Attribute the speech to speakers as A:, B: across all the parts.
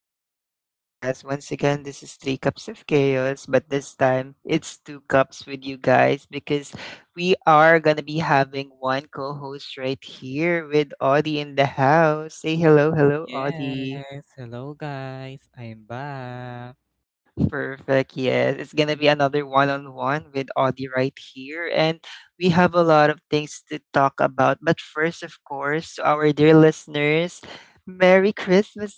A: back to our podcast. Once again, this is Three Cups of Chaos, but this time it's two cups with you guys because we are going to be having one co host right here with Audie in the house. Say hello, hello, Audie.
B: Yes, hello guys. I'm back.
A: Perfect, yes. It's going to be another one on one with Audie right here. And we have a lot of things to talk about. But first, of course, to our dear listeners, Merry Christmas,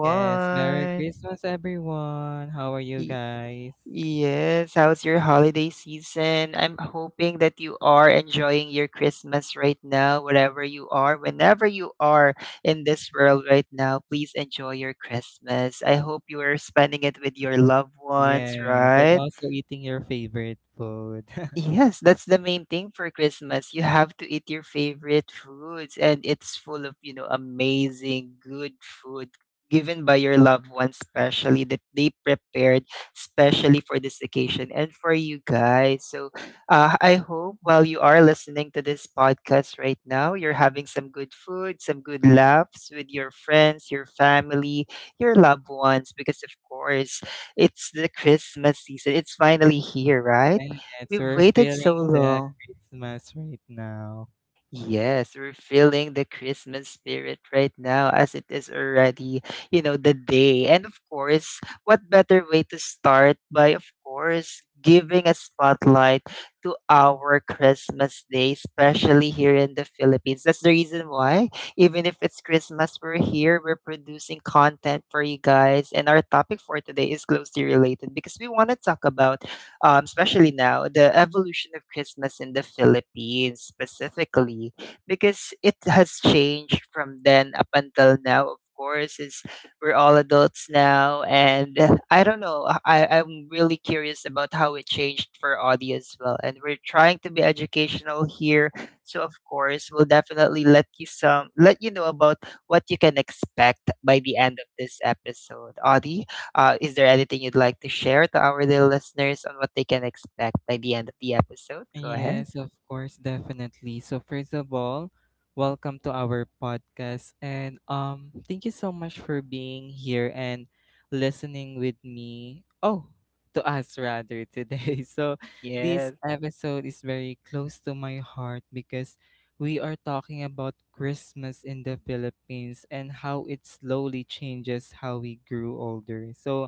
B: Yes, Merry Christmas everyone. How are you guys?
A: Yes, how's your holiday season? I'm hoping that you are enjoying your Christmas right now, wherever you are, whenever you are in this world right now, please enjoy your Christmas. I hope you are spending it with your loved ones,
B: Yes, and
A: right?
B: also eating your favorite food.
A: Yes, that's the main thing for Christmas. You have to eat your favorite foods, and it's full of, amazing, good food given by your loved ones, especially that they prepared specially for this occasion and for you guys. So I hope while you are listening to this podcast right now, you're having some good food, some good laughs with your friends, your family, your loved ones, because of course, it's the Christmas season. It's finally here, right?
B: Yes,
A: We've
B: we're
A: waited
B: feeling
A: so
B: the
A: long.
B: Christmas right now.
A: Yes, we're feeling the Christmas spirit right now as it is already, you know, the day. And of course, what better way to start by, of course, giving a spotlight to our Christmas day, especially here in the Philippines. That's the reason why, even if it's Christmas, we're here, we're producing content for you guys. And our topic for today is closely related because we want to talk about especially now, the evolution of Christmas in the Philippines specifically, because it has changed from then up until now. Of course, is we're all adults now, and I don't know. I'm really curious about how it changed for Audi as well, and we're trying to be educational here. So of course, we'll definitely let you know about what you can expect by the end of this episode. Audi. Is there anything you'd like to share to our little listeners on what they can expect by the end of the episode? Go ahead.
B: Yes, of course, definitely. So first of all, welcome to our podcast and thank you so much for being here and listening with me. Oh, to us rather today. So this
A: Yes.
B: episode is very close to my heart because we are talking about Christmas in the Philippines and how it slowly changes how we grew older. So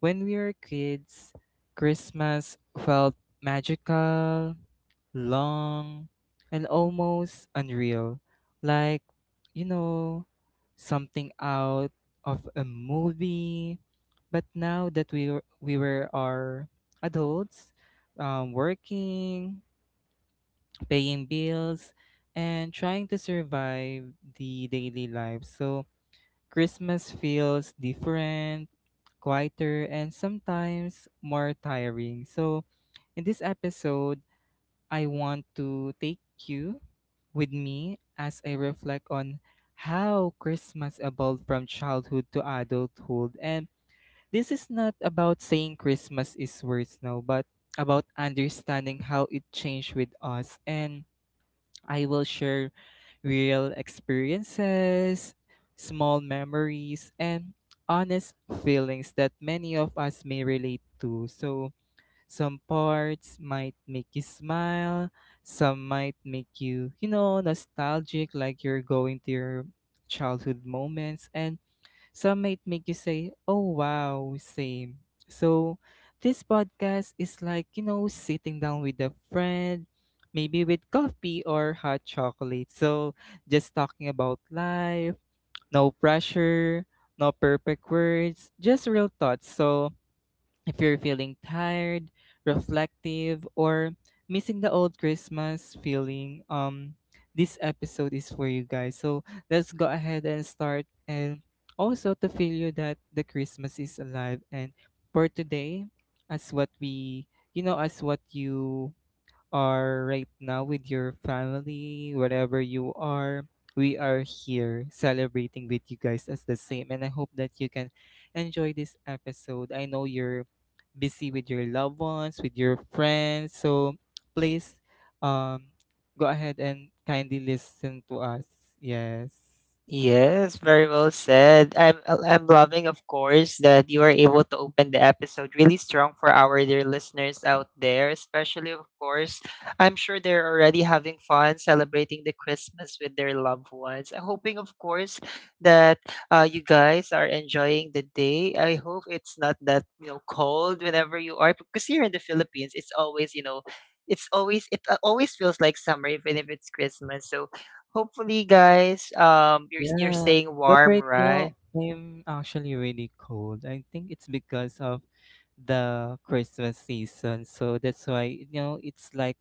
B: when we were kids, Christmas felt magical, long, and almost unreal, like, you know, something out of a movie. But now that we were are adults, working, paying bills, and trying to survive the daily life, so Christmas feels different, quieter, and sometimes more tiring. So in this episode I want to take you with me as I reflect on how Christmas evolved from childhood to adulthood. And this is not about saying Christmas is worse now, but about understanding how it changed with us. And I will share real experiences, small memories, and honest feelings that many of us may relate to. So some parts might make you smile, some might make you, you know, nostalgic, like you're going to your childhood moments, and some might make you say, oh wow, same. So this podcast is like, you know, sitting down with a friend, maybe with coffee or hot chocolate. So just talking about life, no pressure, no perfect words, just real thoughts. So if you're feeling tired, reflective, or missing the old Christmas feeling, this episode is for you guys. So let's go ahead and start, and also to feel you that the Christmas is alive. And for today, as what we, you know, as what you are right now with your family, wherever you are, we are here celebrating with you guys as the same. And I hope that you can enjoy this episode. I know you're busy with your loved ones, with your friends. So please um, go ahead and kindly listen to us. Yes.
A: Yes, very well said. I'm loving, of course, that you are able to open the episode really strong for our dear listeners out there, especially of course. I'm sure they're already having fun celebrating the Christmas with their loved ones. I'm hoping, of course, that you guys are enjoying the day. I hope it's not that you know cold whenever you are, because here in the Philippines, it's always you know. It's always it Always feels like summer even if it's Christmas. So hopefully, guys, you're
B: Yeah.
A: staying
B: But
A: warm,
B: right now,
A: right?
B: I'm actually really cold. I think it's because of the Christmas season. So that's why, you know, it's like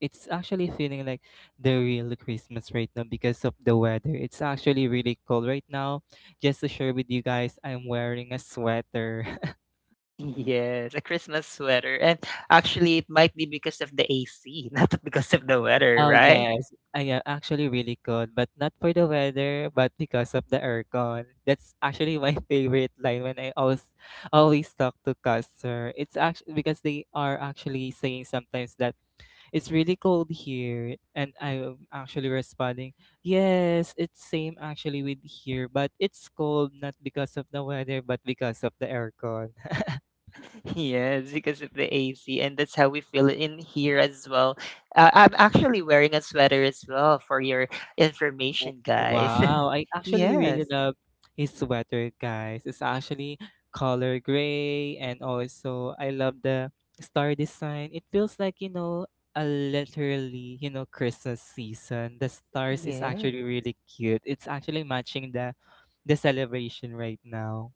B: it's actually feeling like the real Christmas right now because of the weather. It's actually really cold right now. Just to share with you guys, I'm wearing a sweater.
A: Yes, a Christmas sweater, and actually, it might be because of the AC, not because of the weather,
B: Oh
A: right?
B: yes, I am actually really cold, but not for the weather, but because of the aircon. That's actually my favorite line when I always talk to customer. It's actually because they are actually saying sometimes that it's really cold here, and I'm actually responding yes, it's same actually with here, but it's cold not because of the weather but because of the aircon.
A: Yes, because of the AC, and that's how we feel it in here as well. I'm actually wearing a sweater as well for your information, guys.
B: Wow, I actually really
A: Yes,
B: love his sweater guys. It's actually color gray, and also I love the star design. It feels like, you know, a literally, you know, Christmas season. The stars is
A: yes.
B: actually really cute. It's actually matching the celebration right now.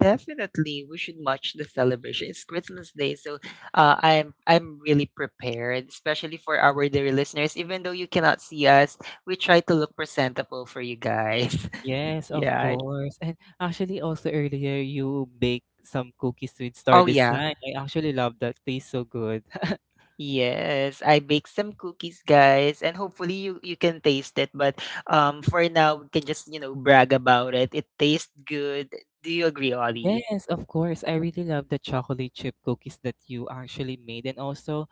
A: Definitely, we should watch the celebration. It's Christmas Day, so I'm really prepared, especially for our dear listeners. Even though you cannot see us, we try to look presentable for you guys.
B: Yes, of
A: Yeah.
B: course. And actually also earlier you baked some cookies with star
A: Oh yeah.
B: design. I actually love that. Tastes so good.
A: Yes, I baked some cookies, guys, and hopefully you can taste it. But for now, we can just you know brag about it. It tastes good. Do you agree, Ollie?
B: Yes, of course. I really love the chocolate chip cookies that you actually made, and also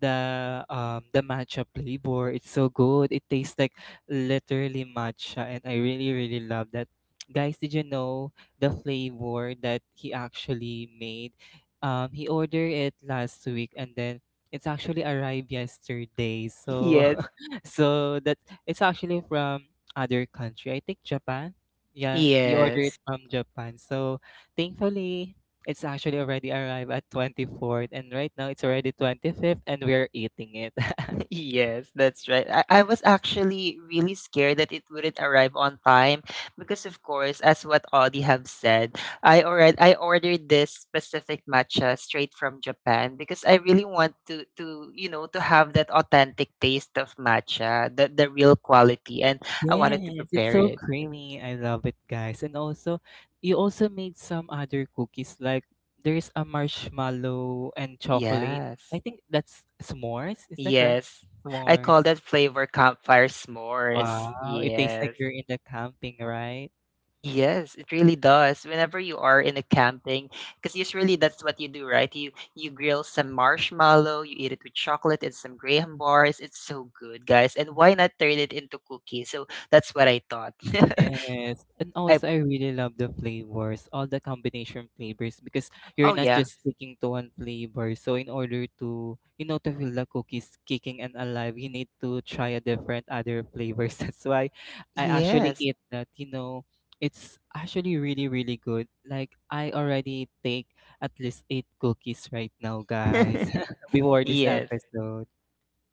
B: the matcha flavor. It's so good. It tastes like literally matcha, and I really really love that. Guys, did you know the flavor that he actually made? He ordered it last week and then it's actually arrived yesterday. So
A: Yes.
B: so that it's actually from other country. I think Japan. Yeah, he ordered
A: Yes.
B: it from Japan. So thankfully, it's actually already arrived at 24th, and right now it's already 25th, and we're eating it.
A: Yes, that's right. I was actually really scared that it wouldn't arrive on time because of course, as what Audie have said, I ordered this specific matcha straight from Japan because I really want to you know to have that authentic taste of matcha, the real quality and I wanted to
B: Yes, it's
A: prepare
B: so
A: it.
B: creamy. I love it, guys. And also, you also made some other cookies like there's a marshmallow and chocolate. I
A: Yes.
B: think that's s'mores. Is that correct?
A: Yes. I call
B: S'mores.
A: that flavor campfire s'mores.
B: Wow, it tastes like
A: Yes.
B: you're in the camping, right?
A: Yes, it really does. Whenever you are in a camping, because usually that's what you do, right? You grill some marshmallow, you eat it with chocolate and some graham bars. It's so good, guys. And why not turn it into cookies? So that's what I thought.
B: Yes, and
A: I
B: also I really love the flavors, all the combination flavors, because you're
A: oh
B: not
A: yeah.
B: just sticking to one flavor. So in order to, you know, to feel the cookies kicking and alive, you need to try a different other flavors. That's why I actually
A: Yes.
B: eat that, you know, it's actually really, really good. Like I already take at least eight cookies right now, guys, before this
A: Yes,
B: episode.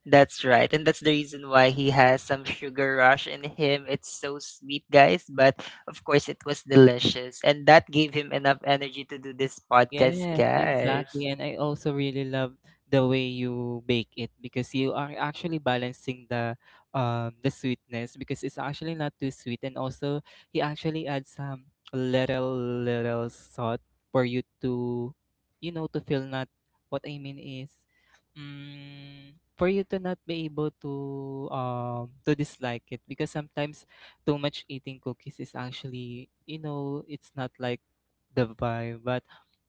A: that's right. And that's the reason why he has some sugar rush in him. It's so sweet, guys, but of course it was delicious and that gave him enough energy to do this podcast,
B: Yes,
A: guys.
B: exactly. And I also really love the way you bake it because you are actually balancing the sweetness because it's actually not too sweet, and also he actually adds some little little salt for you to, you know, to feel not, what I mean is, for you to not be able to dislike it, because sometimes too much eating cookies is actually, you know, it's not like the vibe, but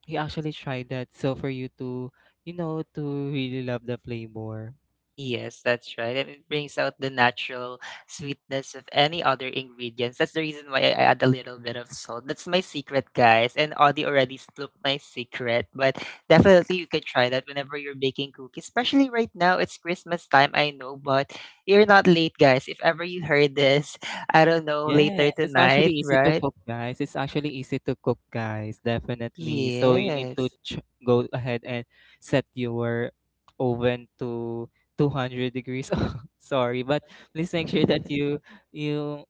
B: he actually tried that. So for you to, you know, to really love the flavor.
A: Yes, that's right. And it brings out the natural sweetness of any other ingredients. That's the reason why I add a little bit of salt. That's my secret, guys. And Audie already scooped my secret. But definitely you can try that whenever you're baking cookies. Especially right now, it's Christmas time, I know, but you're not late, guys. If ever you heard this, I don't know, later
B: Yes, it's actually
A: tonight,
B: easy to
A: right?
B: cook, guys. It's actually easy to cook, guys. Definitely. So you need to
A: Yes.
B: go ahead and set your oven to 200 degrees. Oh, sorry, but please make sure that you you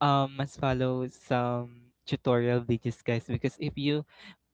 B: um must follow some tutorial videos, guys, because if you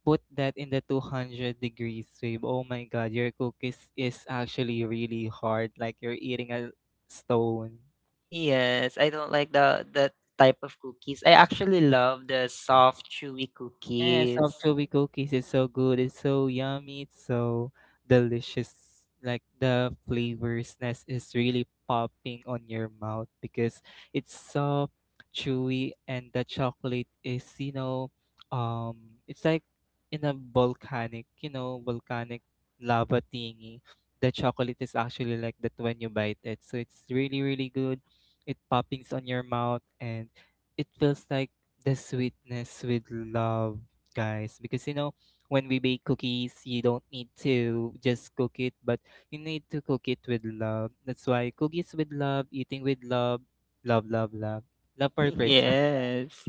B: put that in the 200 degrees babe. Oh my god, your cookies is actually really hard. Like you're eating a stone.
A: Yes, I don't like the that type of cookies. I actually love the soft, chewy
B: Yes,
A: cookies.
B: anchovy cookies is so good. It's so yummy. It's so delicious. Like the flavorsness is really popping on your mouth because it's soft, chewy, and the chocolate is, you know, it's like in a volcanic, you know, volcanic lava thingy. The chocolate is actually like that when you bite it. So it's really, really good. It poppings on your mouth and it feels like the sweetness with love, guys. Because you know, when we bake cookies, you don't need to just cook it, but you need to cook it with love. That's why cookies with love, eating with love, love, love, love, love for Christmas.
A: Yes.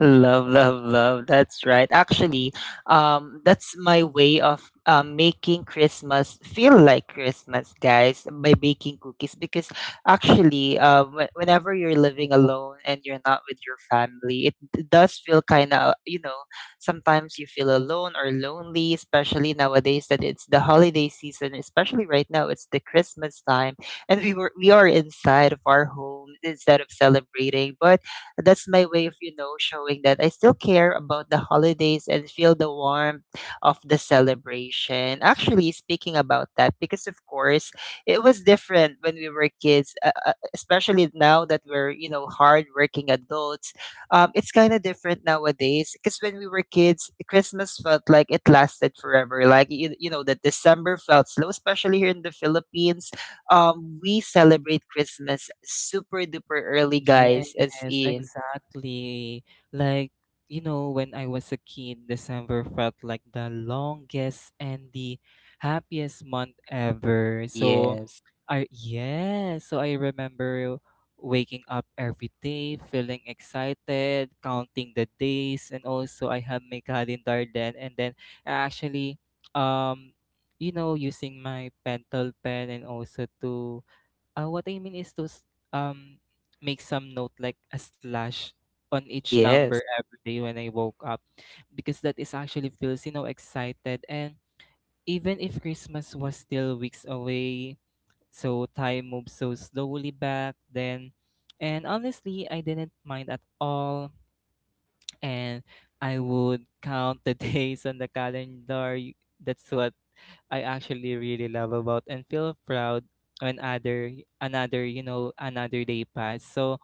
A: Love, love, love. That's right. Actually, that's my way of making Christmas feel like Christmas, guys, by baking cookies. Because actually, whenever you're living alone and you're not with your family, it does feel kind of, you know, sometimes you feel alone or lonely, especially nowadays that it's the holiday season, especially right now, it's the Christmas time, and we are inside of our home instead of celebrating, but that's my way of, you know, showing that I still care about the holidays and feel the warmth of the celebration. Actually, speaking about that, because of course, it was different when we were kids, especially now that we're, you know, hardworking adults. It's kind of different nowadays because when we were kids, Christmas felt like it lasted forever. Like, you know, that December felt slow, especially here in the Philippines. We celebrate Christmas super duper early, guys, as
B: Yes,
A: in
B: exactly. Like, you know, when I was a kid, December felt like the longest and the happiest month ever. So,
A: yes.
B: so I remember waking up every day, feeling excited, counting the days, and also I have my calendar then, and then I actually, um, you know, using my pentel pen and also to what I mean is to make some note like a slash on each number
A: Yes.
B: every day when I woke up, because that is actually feels, you know, excited. And even if Christmas was still weeks away, so time moved so slowly back then, and honestly I didn't mind at all. And I would count the days on the calendar. That's what I actually really love about and feel proud when other another, you know, another day passed. So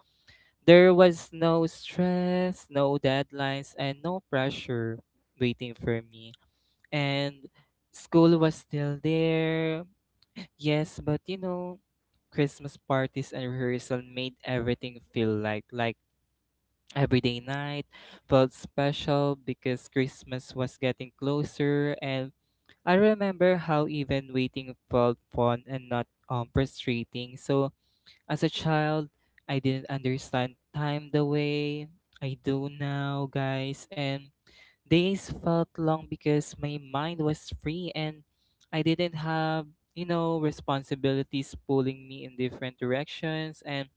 B: there was no stress, no deadlines, and no pressure waiting for me. And school was still there. Yes, but you know Christmas parties and rehearsal made everything feel like everyday night felt special because Christmas was getting closer. And I remember how even waiting felt fun and not frustrating. So as a child, I didn't understand time the way I do now, guys, and days felt long because my mind was free, and I didn't have, you know, responsibilities pulling me in different directions, and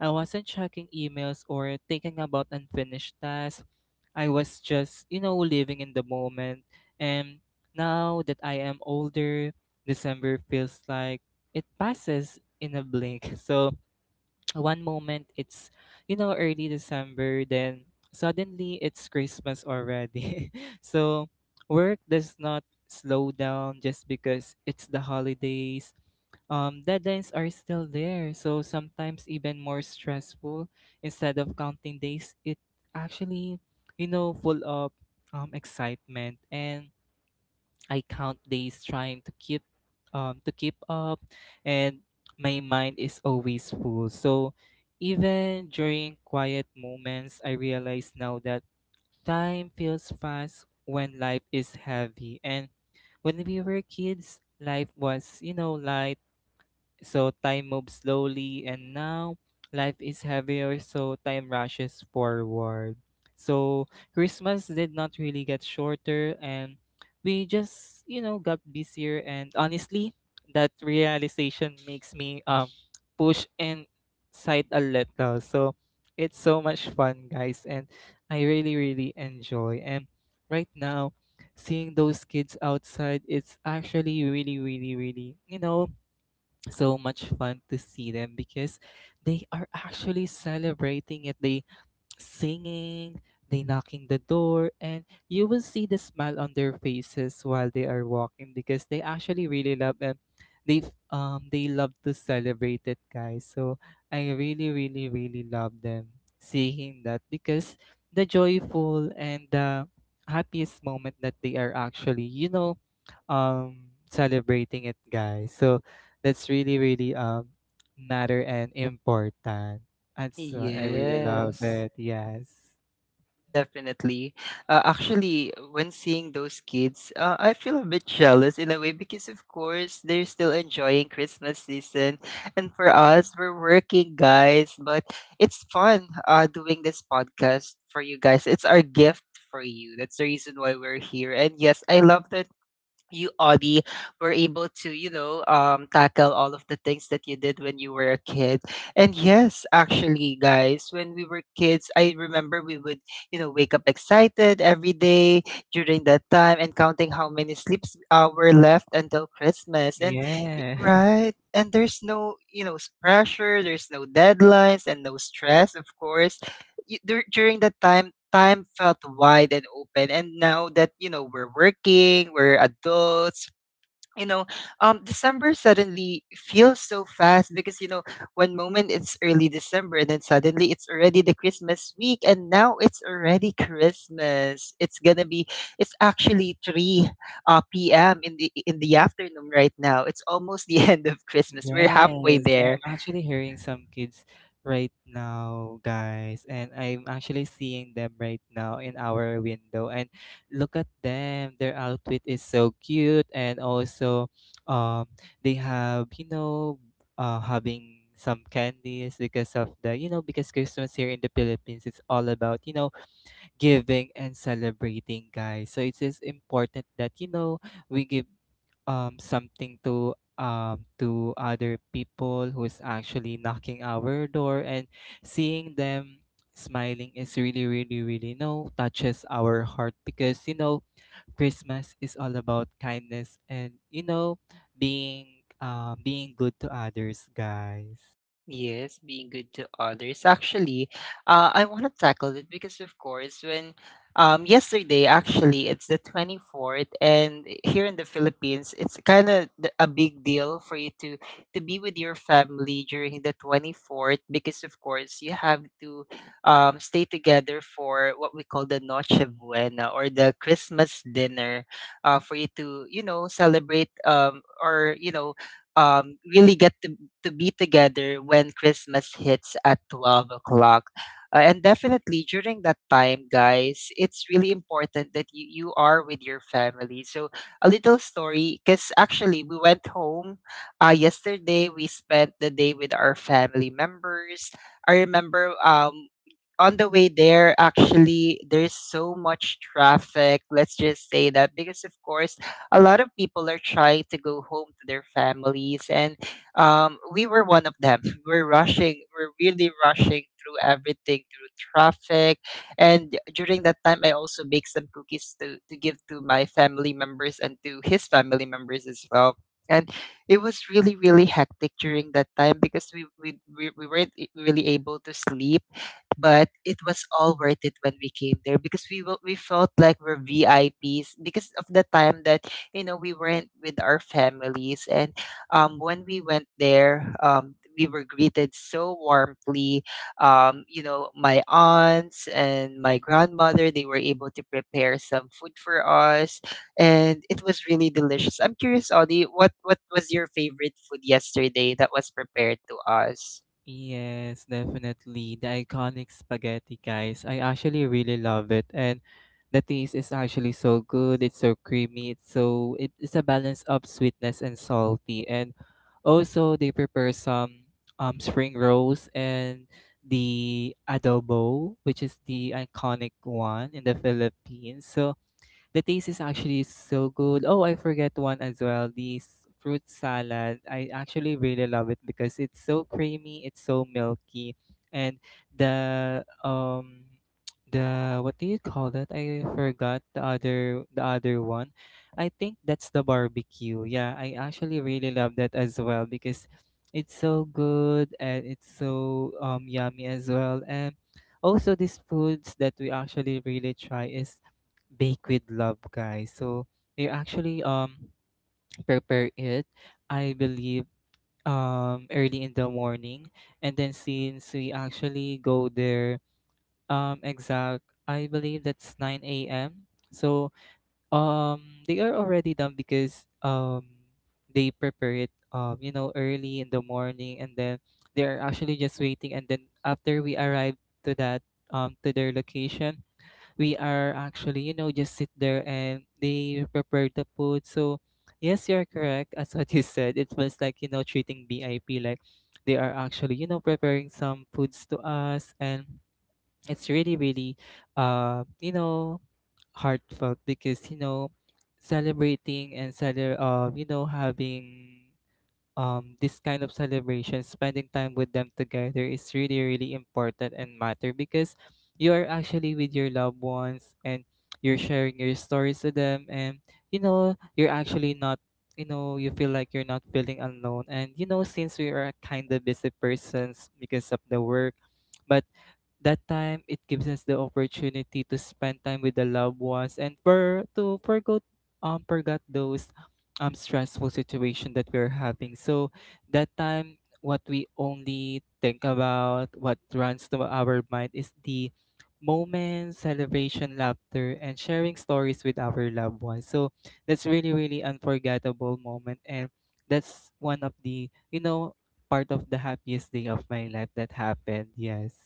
B: I wasn't checking emails or thinking about unfinished tasks. I was just, you know, living in the moment. And now that I am older, December feels like it passes in a blink. So one moment it's, you know, early December, then suddenly it's Christmas already. So work does not slow down just because it's the holidays, deadlines are still there. So sometimes even more stressful. Instead of counting days, it actually, you know, full of excitement. And I count days trying to keep up, and my mind is always full. So even during quiet moments, I realize now that time feels fast when life is heavy, and when we were kids life was, you know, light, so time moves slowly, and now life is heavier, so time rushes forward. So Christmas did not really get shorter, and we just, you know, got busier. And honestly, that realization makes me push inside a little. So it's so much fun, guys, and I really, really enjoy. And right now, seeing those kids outside, it's actually really, really, really, you know, so much fun to see them because they are actually celebrating it. They singing, they knocking the door, and you will see the smile on their faces while they are walking because they actually really love, and they they love to celebrate it, guys. So I really, really, really love them seeing that because the joyful and the happiest moment that they are actually, you know, celebrating it, guys. So that's really, really matter and important. And so I really love
A: Yes.
B: it. Yes.
A: Definitely. Actually, when seeing those kids, I feel a bit jealous in a way because, of course, they're still enjoying Christmas season. And for us, we're working, guys. But it's fun doing this podcast for you guys. It's our gift for you. That's the reason why we're here. And yes, I love the you, Audie, were able to, you know, tackle all of the things that you did when you were a kid. And yes, actually, guys, when we were kids, I remember we would, you know, wake up excited every day during that time and counting how many sleeps were left until Christmas. And
B: Yes.
A: right, and there's no, you know, pressure. There's no deadlines and no stress, of course during that time, time felt wide and open. And now that, you know, we're working, we're adults, you know, December suddenly feels so fast because, you know, one moment it's early December and then suddenly it's already the Christmas week and now it's already Christmas. It's gonna be it's actually three PM in the afternoon right now. It's almost the end of Christmas. We're halfway
B: Yes.
A: there.
B: I'm actually hearing some kids right now, guys. And I'm actually seeing them right now in our window. And look at them. Their outfit is so cute. And also, um, they have, you know, having some candies because of the, you know, because Christmas here in the Philippines, it's all about, you know, giving and celebrating, guys. So it is important that you know we give something to other people who's actually knocking our door, and seeing them smiling is really really really, you know, touches our heart, because, you know, Christmas is all about kindness and, you know, being being good to others, guys.
A: Yes, being good to others. Actually, I want to tackle it because, of course, when yesterday, actually, it's the 24th, and here in the Philippines, it's kind of a big deal for you to be with your family during the 24th because, of course, you have to stay together for what we call the Noche Buena or the Christmas dinner for you to, you know, celebrate or, you know, really get to be together when Christmas hits at 12 o'clock. And definitely during that time, guys, it's really important that you are with your family. So, a little story because actually, we went home yesterday. We spent the day with our family members. I remember on the way there, actually, there's so much traffic. Let's just say that because, of course, a lot of people are trying to go home to their families and we were one of them. We're rushing, we're really rushing through everything, through traffic. And during that time I also bake some cookies to give to my family members and to his family members as well. And it was really hectic during that time because we weren't really able to sleep. But it was all worth it when we came there because we felt like we're VIPs because of the time that you know we went with our families. And when we went there, we were greeted so warmly. You know, my aunts and my grandmother, they were able to prepare some food for us, and it was really delicious. I'm curious, Audie, what was your favorite food yesterday that was prepared to us?
B: Yes, definitely. The iconic spaghetti, guys. I actually really love it. And the taste is actually so good. It's so creamy. It's so it's a balance of sweetness and salty. And also they prepare some spring rolls and the adobo, which is the iconic one in the Philippines. So the taste is actually so good. Oh, I forget one as well. This fruit salad. I actually really love it because it's so creamy, it's so milky, and the um the what do you call that? I forgot the other one. I think that's the barbecue. Yeah, I actually really love that as well because it's so good and it's so yummy as well. And also these foods that we actually really try is bake with love, guys. So they actually prepare it, I believe, early in the morning. And then since we actually go there, exact I believe that's 9 a.m, so they are already done because they prepare it, you know, early in the morning, and then they're actually just waiting. And then after we arrive to that, to their location, we are actually, you know, just sit there and they prepare the food. So, yes, you're correct. As what you said, it was like, you know, treating VIP, like they are actually, you know, preparing some foods to us. And it's really, really, you know, heartfelt because, you know, you know, having this kind of celebration, spending time with them together is really, really important and matter, because you are actually with your loved ones, and you're sharing your stories to them, and, you know, you're actually not, you know, you feel like you're not feeling alone. And, you know, since we are kind of busy persons because of the work, but that time it gives us the opportunity to spend time with the loved ones and for to forget those stressful situation that we're having. So that time what we only think about, what runs to our mind, is the moments, celebration, laughter, and sharing stories with our loved ones. So that's really really unforgettable moment. And that's one of the, you know, part of the happiest day of my life that happened. Yes.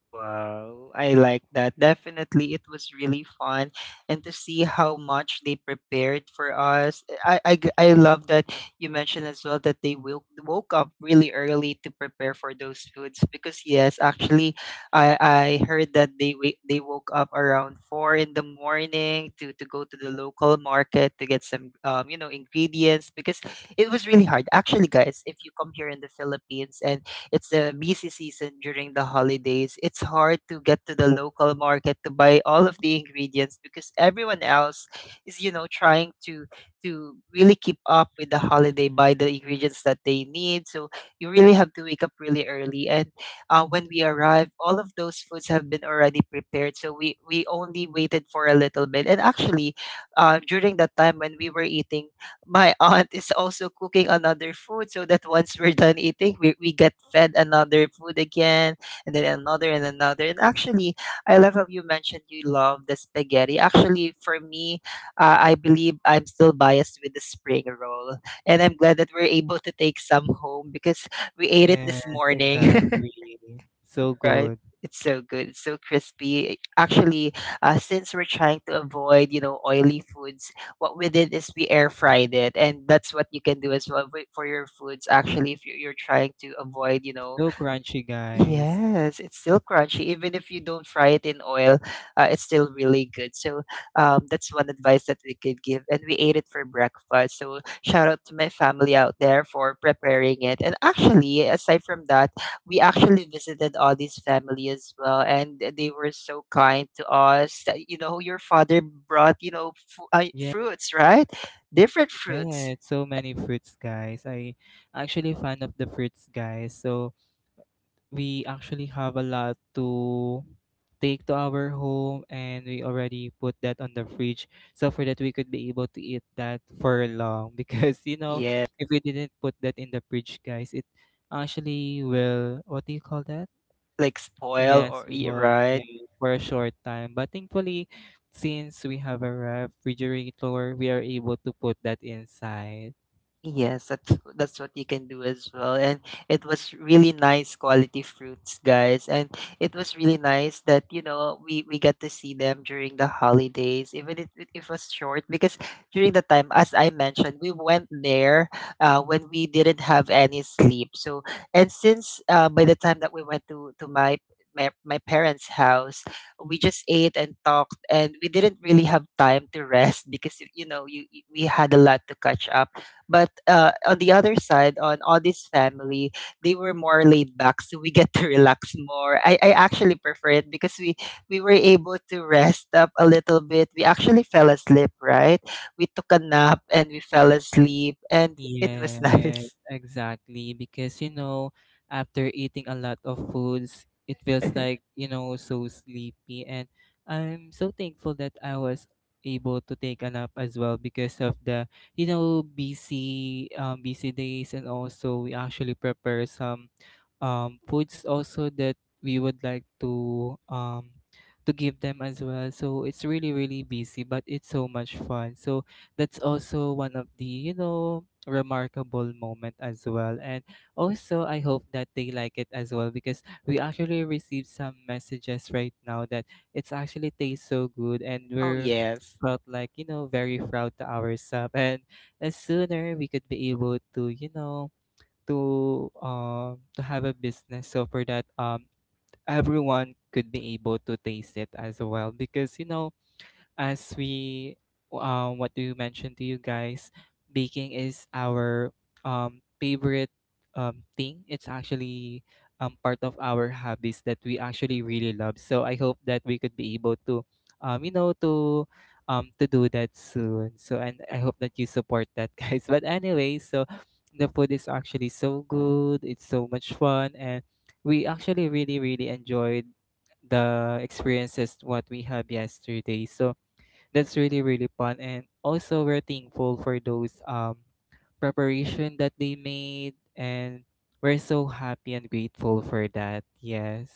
A: Wow, I like that. Definitely, it was really fun, and to see how much they prepared for us. I love that you mentioned as well that they woke up really early to prepare for those foods. Because yes, actually, I heard that they woke up around four in the morning to go to the local market to get some you know ingredients, because it was really hard. Actually, guys, if you come here in the Philippines, and it's the busy season during the holidays, it's hard to get to the local market to buy all of the ingredients because everyone else is, you know, trying to really keep up with the holiday, buy the ingredients that they need. So you really have to wake up really early. And when we arrived, all of those foods have been already prepared. So we only waited for a little bit. And actually, during that time when we were eating, my aunt is also cooking another food so that once we're done eating, we get fed another food again, and then another and another. And actually, I love how you mentioned you love the spaghetti. Actually, for me, I believe I'm still biased with the spring roll, and I'm glad that we're able to take some home because we ate it
B: Yes,
A: this morning.
B: exactly. So
A: Right.
B: good.
A: It's so good. It's so crispy. Actually, since we're trying to avoid, you know, oily foods, what we did is we air fried it, and that's what you can do as well for your foods. Actually, if you're trying to avoid, you know,
B: So crunchy, guys.
A: yes, it's still crunchy. Even if you don't fry it in oil, it's still really good. So that's one advice that we could give. And we ate it for breakfast. So shout out to my family out there for preparing it. And actually, aside from that, we actually visited Audie's family as well. And they were so kind to us. That, you know, your father brought, you know,
B: Yeah,
A: fruits, right? Different fruits.
B: yeah, so many fruits, guys. I actually fan of the fruits, guys. So we actually have a lot to take to our home, and we already put that on the fridge, so for that we could be able to eat that for long because, you know,
A: Yeah,
B: if we didn't put that in the fridge, guys, it actually will what do you call that?
A: like spoil
B: Yes,
A: or,
B: we
A: yeah,
B: will, yeah,
A: right?
B: for a short time. But thankfully, since we have a refrigerator, we are able to put that inside.
A: Yes, that's what you can do as well. And it was really nice quality fruits, guys. And it was really nice that, you know, we got to see them during the holidays, even if it was short, because during the time, as I mentioned, we went there when we didn't have any sleep. So, and since by the time that we went to my parents' house, we just ate and talked, and we didn't really have time to rest because you know we had a lot to catch up. But on the other side, on Audie's family, they were more laid back, so we get to relax more. I actually prefer it because we were able to rest up a little bit. We actually fell asleep, right? We took a nap and we fell asleep, and it was
B: Yes,
A: nice.
B: exactly. Because, you know, after eating a lot of foods, it feels like, you know, so sleepy. And I'm so thankful that I was able to take a nap as well because of the, you know, busy days. And also, we actually prepare some foods also that we would like to give them as well. So it's really really busy, but it's so much fun. So that's also one of the, you know, remarkable moment as well. And also I hope that they like it as well, because we actually received some messages right now that it's actually tastes so good, and
A: Oh
B: we're
A: yes.
B: felt like, you know, very proud to ourselves. And the sooner we could be able to, you know, to have a business, so for that, everyone could be able to taste it as well. Because, you know, as we what do you mention to you, guys, baking is our favorite thing. It's actually part of our hobbies that we actually really love. So I hope that we could be able to you know to do that soon. So, and I hope that you support that, guys. But anyway, so the food is actually so good, it's so much fun, and we actually really really enjoyed the experiences what we had yesterday. So that's really really fun. And also we're thankful for those preparation that they made, and we're so happy and grateful for that. Yes.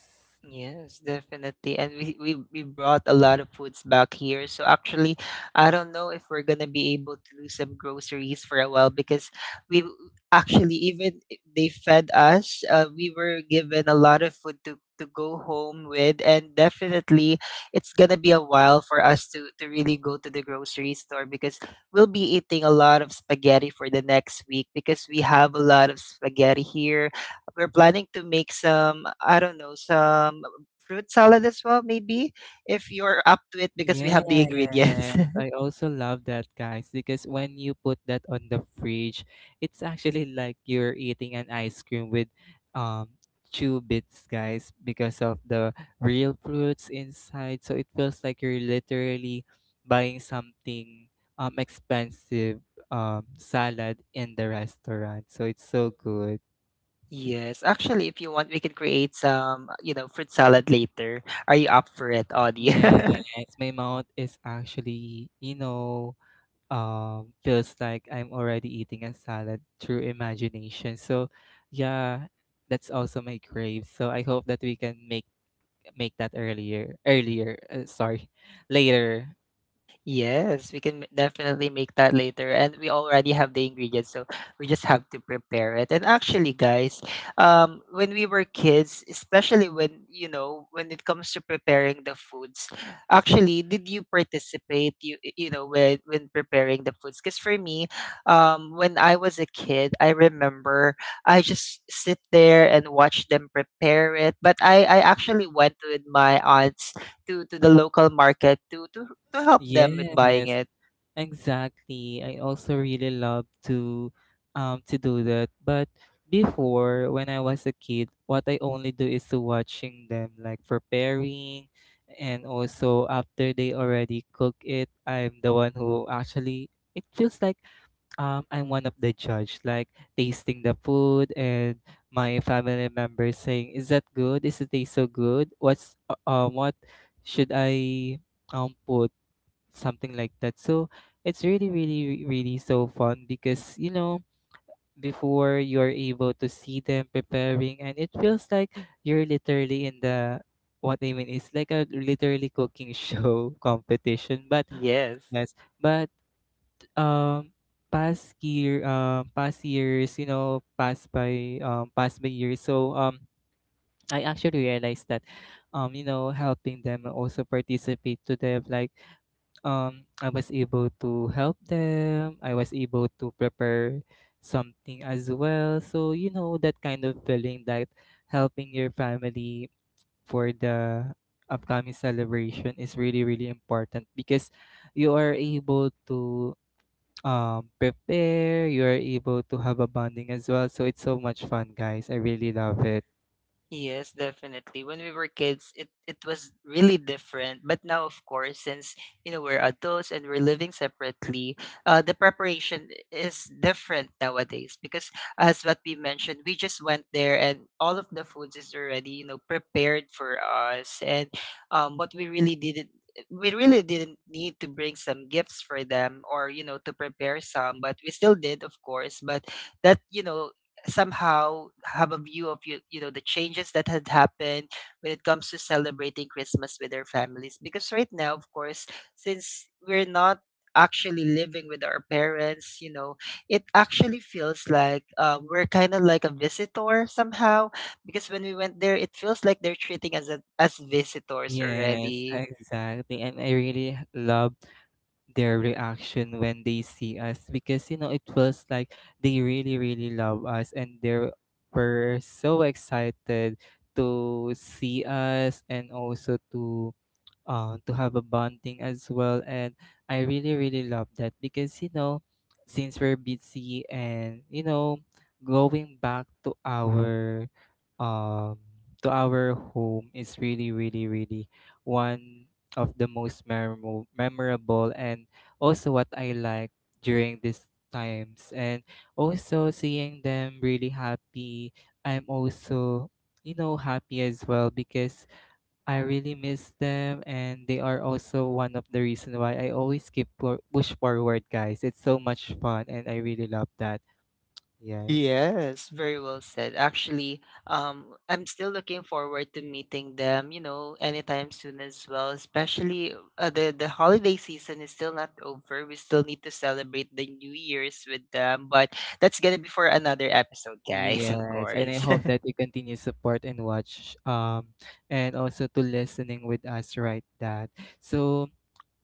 A: Yes, definitely. And we brought a lot of foods back here. So actually, I don't know if we're gonna be able to do some groceries for a while because we w- actually even they fed us. We were given a lot of food to go home with, and definitely it's gonna be a while for us to really go to the grocery store because we'll be eating a lot of spaghetti for the next week because we have a lot of spaghetti here. We're planning to make some, I don't know, some fruit salad as well, maybe, if you're up to it because we
B: Yes,
A: have the ingredients.
B: I also love that, guys, because when you put that on the fridge, it's actually like you're eating an ice cream with um chew bits, guys, because of the real fruits inside. So it feels like you're literally buying something expensive salad in the restaurant. So it's so good.
A: Yes, actually, if you want, we can create some, you know, fruit salad later. Are you up for it, Audie?
B: Yes, my mouth is actually, you know, feels like I'm already eating a salad through imagination. So yeah, that's also my crave. So I hope that we can make that earlier earlier sorry, later.
A: Yes, we can definitely make that later. And we already have the ingredients, so we just have to prepare it. And actually, guys, when we were kids, especially when, you know, when it comes to preparing the foods, actually, did you participate, you know, when preparing the foods? Because for me, when I was a kid, I remember I just sit there and watch them prepare it. But I actually went with my aunts to the local market to help them with buying
B: Yes.
A: it.
B: Exactly. I also really love to do that. But before when I was a kid, what I only do is to watching them like preparing. And also after they already cook it, I'm the one who actually it feels like I'm one of the judge, like tasting the food. And my family members saying, "Is that good? Is it taste so good? What's what should I put?" Something like that. So it's really, really, really so fun because, you know, before you're able to see them preparing, and it feels like you're literally in the what I mean is like a literally cooking show competition. But
A: Yes.
B: yes, but um, past years, you know, past by years. So I actually realized that, you know, helping them also participate to their like I was able to help them. I was able to prepare something as well. So, you know, that kind of feeling that helping your family for the upcoming celebration is really, really important, because you are able to prepare, you are able to have a bonding as well. So, it's so much fun, guys. I really love it.
A: Yes, definitely. When we were kids, it was really different. But now, of course, since you know we're adults and we're living separately, the preparation is different nowadays because, as what we mentioned, we just went there and all of the foods is already you know prepared for us. And what we really didn't, we really didn't need to bring some gifts for them or you know to prepare some, but we still did, of course. But that, you know, somehow have a view of you, you know, the changes that had happened when it comes to celebrating Christmas with their families. Because right now, of course, since we're not actually living with our parents, you know, it actually feels like we're kind of like a visitor somehow, because when we went there it feels like they're treating us as visitors
B: Yes,
A: already.
B: exactly. And I really love their reaction when they see us, because you know it feels like they really really love us, and they were so excited to see us, and also to have a bonding as well. And I really, really love that because, you know, since we're busy and, you know, going back um to our home is really really really one of the most memorable and also what I like during these times. And also seeing them really happy, I'm also, you know, happy as well because I really miss them, and they are also one of the reason why I always keep push forward, guys. It's so much fun, and I really love that. Yes.
A: Yes, very well said. Actually, I'm still looking forward to meeting them, you know, anytime soon as well. Especially the holiday season is still not over. We still need to celebrate the New Year's with them, but that's gonna be for another episode, guys, of
B: Yes, and I
A: course.
B: hope that you continue support and watch and also to listening with us right that. So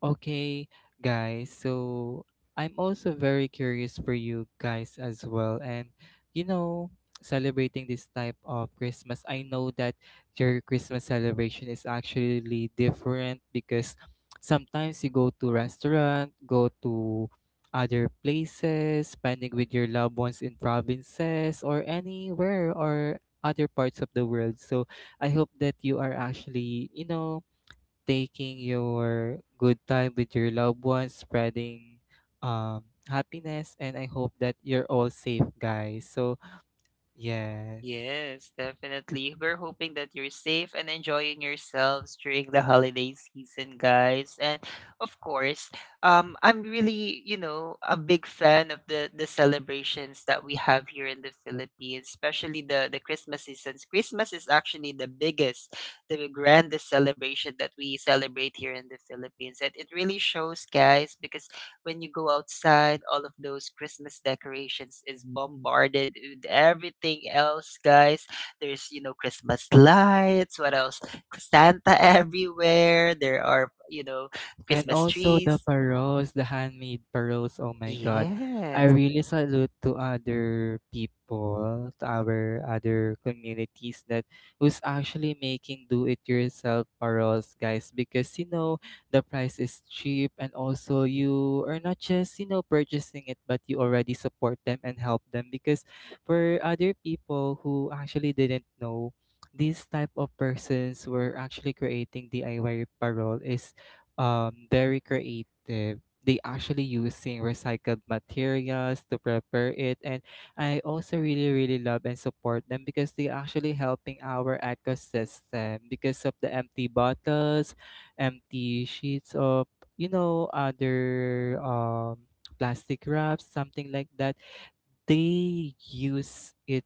B: okay, guys. So I'm also very curious for you guys as well. And, you know, celebrating this type of Christmas, I know that your Christmas celebration is actually different because sometimes you go to restaurant, go to other places, spending with your loved ones in provinces or anywhere or other parts of the world. So I hope that you are actually, you know, taking your good time with your loved ones, spreading happiness, and I hope that you're all safe, guys. So, yes.
A: Yes, definitely. We're hoping that you're safe and enjoying yourselves during the holiday season, guys. And of course, I'm really, you know, a big fan of the celebrations that we have here in the Philippines, especially the Christmas seasons. Christmas is actually the biggest, the grandest celebration that we celebrate here in the Philippines, and it really shows, guys, because when you go outside, all of those Christmas decorations is bombarded with everything else, guys. There's, you know, Christmas lights, what else? Santa everywhere. There are, you know,
B: And
A: Christmas
B: also the
A: trees.
B: pearls, the handmade pearls, oh my God. I
A: Yes.
B: really salute to other people, to our other communities that who's actually making do-it-yourself pearls, guys, because you know the price is cheap, and also you are not just, you know, purchasing it, but you already support them and help them, because for other people who actually didn't know, these type of persons were actually creating DIY parole is very creative. They actually using recycled materials to prepare it, and I also really really love and support them because they actually helping our ecosystem because of the empty bottles, empty sheets of other plastic wraps, something like that they use it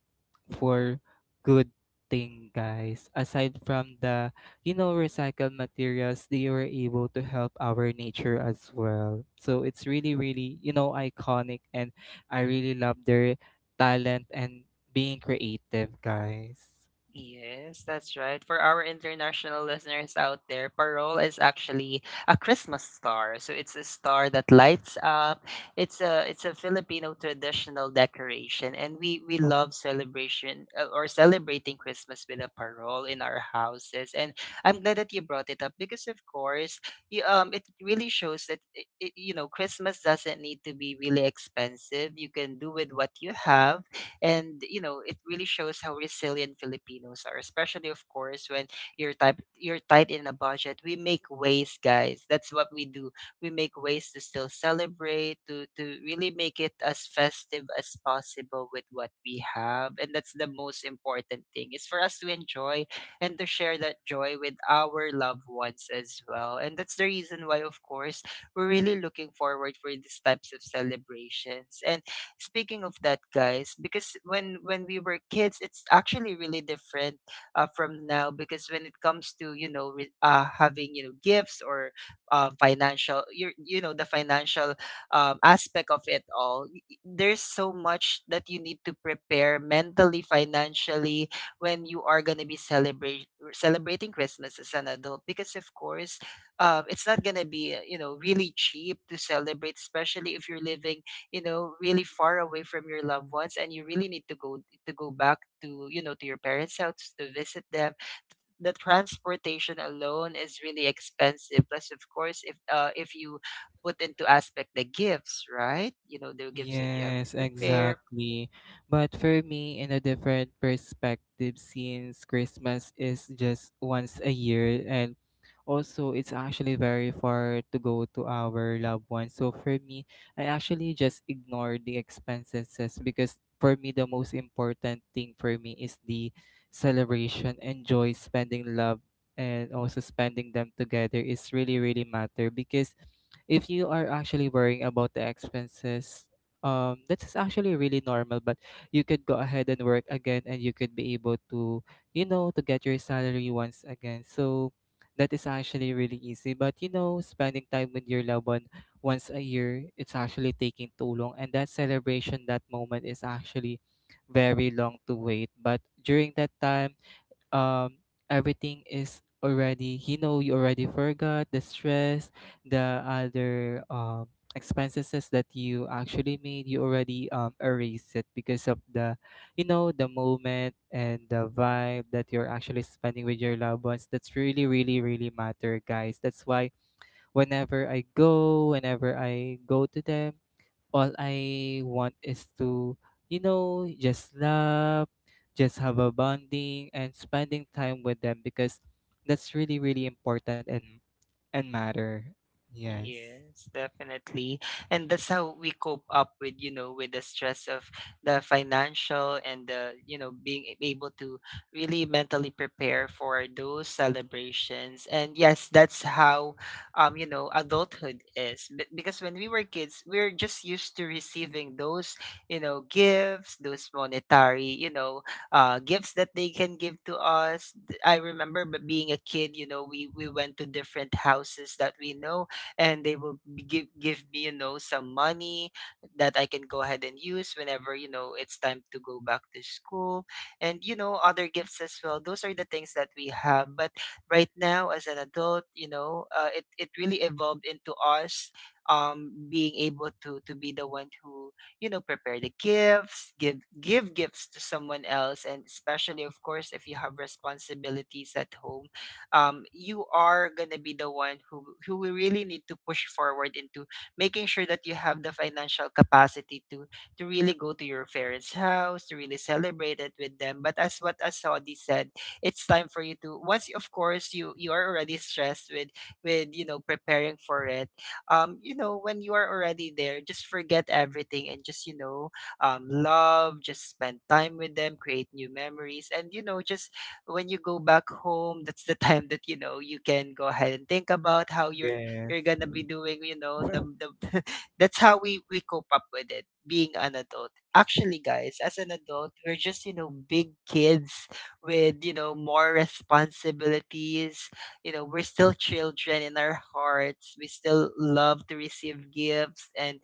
B: for good thing, guys. Aside from the, recycled materials, they were able to help our nature as well, so it's really really, iconic. And I really love their talent and being creative, guys.
A: Yes, that's right. For our international listeners out there, Parole is actually a Christmas star. So it's a star that lights up. It's a Filipino traditional decoration, and we love celebration or celebrating Christmas with a parole in our houses. And I'm glad that you brought it up because, of course, you, it really shows that you know, Christmas doesn't need to be really expensive. You can do with what you have. And you know it really shows how resilient Filipinos are, especially of course when you're tight in a budget. We make ways, guys, that's what we do. We make ways to still celebrate, to really make it as festive as possible with what we have. And that's the most important thing, is for us to enjoy and to share that joy with our loved ones as well. And that's the reason why, of course, we're really looking forward for these types of celebrations. And speaking of that, guys, because when we were kids, it's actually really different from now. Because when it comes to you know having you know gifts or financial, you know the financial aspect of it all, there's so much that you need to prepare mentally, financially when you are gonna be celebrate celebrating Christmas as an adult. Because of course, it's not gonna be you know really cheap to celebrate, especially if you're living you know really far away from your loved ones, and you really need to go back to you know to your parents house to visit them. The transportation alone is really expensive, plus of course if you put into aspect the gifts, right, you know the gifts that you have to
B: Yes,
A: prepare.
B: exactly. But for me, in a different perspective, since Christmas is just once a year, and also it's actually very far to go to our loved ones. So for me, I actually just ignore the expenses, because for me, the most important thing for me is the celebration, enjoy spending love, and also spending them together is really, really matter. Because if you are actually worrying about the expenses, that's actually really normal, but you could go ahead and work again and you could be able to, to get your salary once again. So that is actually really easy. But you know spending time with your loved one once a year, it's actually taking too long, and that celebration, that moment is actually very long to wait. But during that time um everything is already, you already forgot the stress, the other expenses that you actually made, you already erase it because of the, the moment and the vibe that you're actually spending with your loved ones. That's really really really matter, guys. That's why whenever I go to them, all I want is to, you know, just laugh, just have a bonding and spending time with them, because that's really, really important and matter. Yes.
A: Yes, definitely. And that's how we cope up with, you know, with the stress of the financial and the, you know, being able to really mentally prepare for those celebrations. And yes, that's how you know, adulthood is. Because when we were kids, we're just used to receiving those, you know, gifts, those monetary, you know, gifts that they can give to us. I remember being a kid, we went to different houses that we know, and they will give me, some money that I can go ahead and use whenever, it's time to go back to school, and you know, other gifts as well. Those are the things that we have. But right now, as an adult, it really evolved into us being able to be the one who, you know, prepare the gifts, give gifts to someone else. And especially, of course, if you have responsibilities at home, you are gonna be the one who will really need to push forward into making sure that you have the financial capacity to really go to your parents' house to really celebrate it with them. But as what Asodi said, it's time for you to, once of course you are already stressed with you know, preparing for it. You know, when you are already there, just forget everything and just, love, just spend time with them, create new memories, and, you know, just when you go back home, that's the time that, you know, you can go ahead and think about how you're
B: Yes.
A: gonna be doing. You know, the that's how we cope up with it. Being an adult, actually, guys, as an adult, we're just, you know, big kids with, you know, more responsibilities. You know, we're still children in our hearts. We still love to receive gifts. And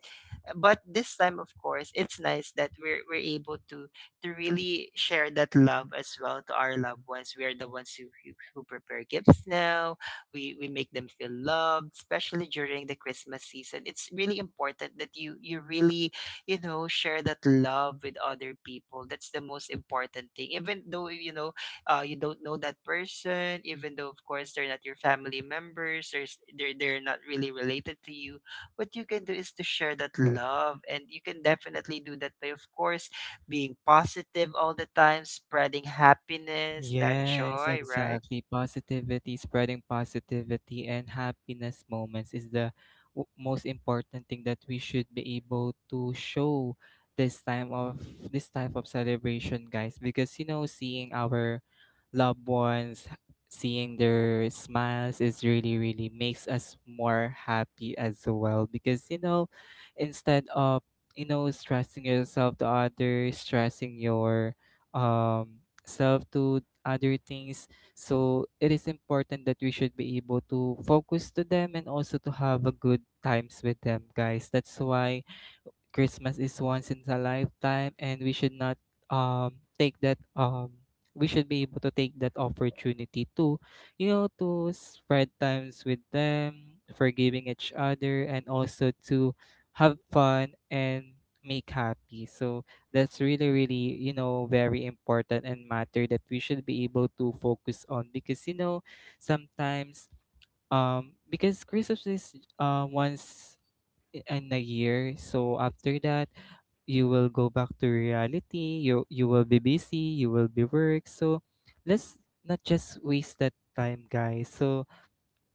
A: but this time, of course, it's nice that we're able to really share that love as well to our loved ones. We are the ones who prepare gifts now. We make them feel loved, especially during the Christmas season. It's really important that you really, you know, share that love with other people. That's the most important thing. Even though, you don't know that person, even though, of course, they're not your family members, they're not really related to you. What you can do is to share that love, and you can definitely do that by, of course, being positive all the time, spreading happiness, that
B: Yes,
A: joy, right?
B: exactly. Positivity, spreading positivity and happiness moments is the most important thing that we should be able to show this time of this type of celebration, guys, because, seeing our loved ones, seeing their smiles is really really makes us more happy as well. Because, instead of, stressing yourself to others, stressing your self to other things. So it is important that we should be able to focus to them and also to have a good times with them, guys. That's why Christmas is once in a lifetime, and we should not take that. We should be able to take that opportunity to, you know, to spread times with them, forgiving each other, and also to have fun and make happy. So that's really, really, you know, very important and matter, that we should be able to focus on. Because, sometimes because Christmas is once in a year, so after that you will go back to reality. You will be busy, you will be work. So let's not just waste that time, guys. So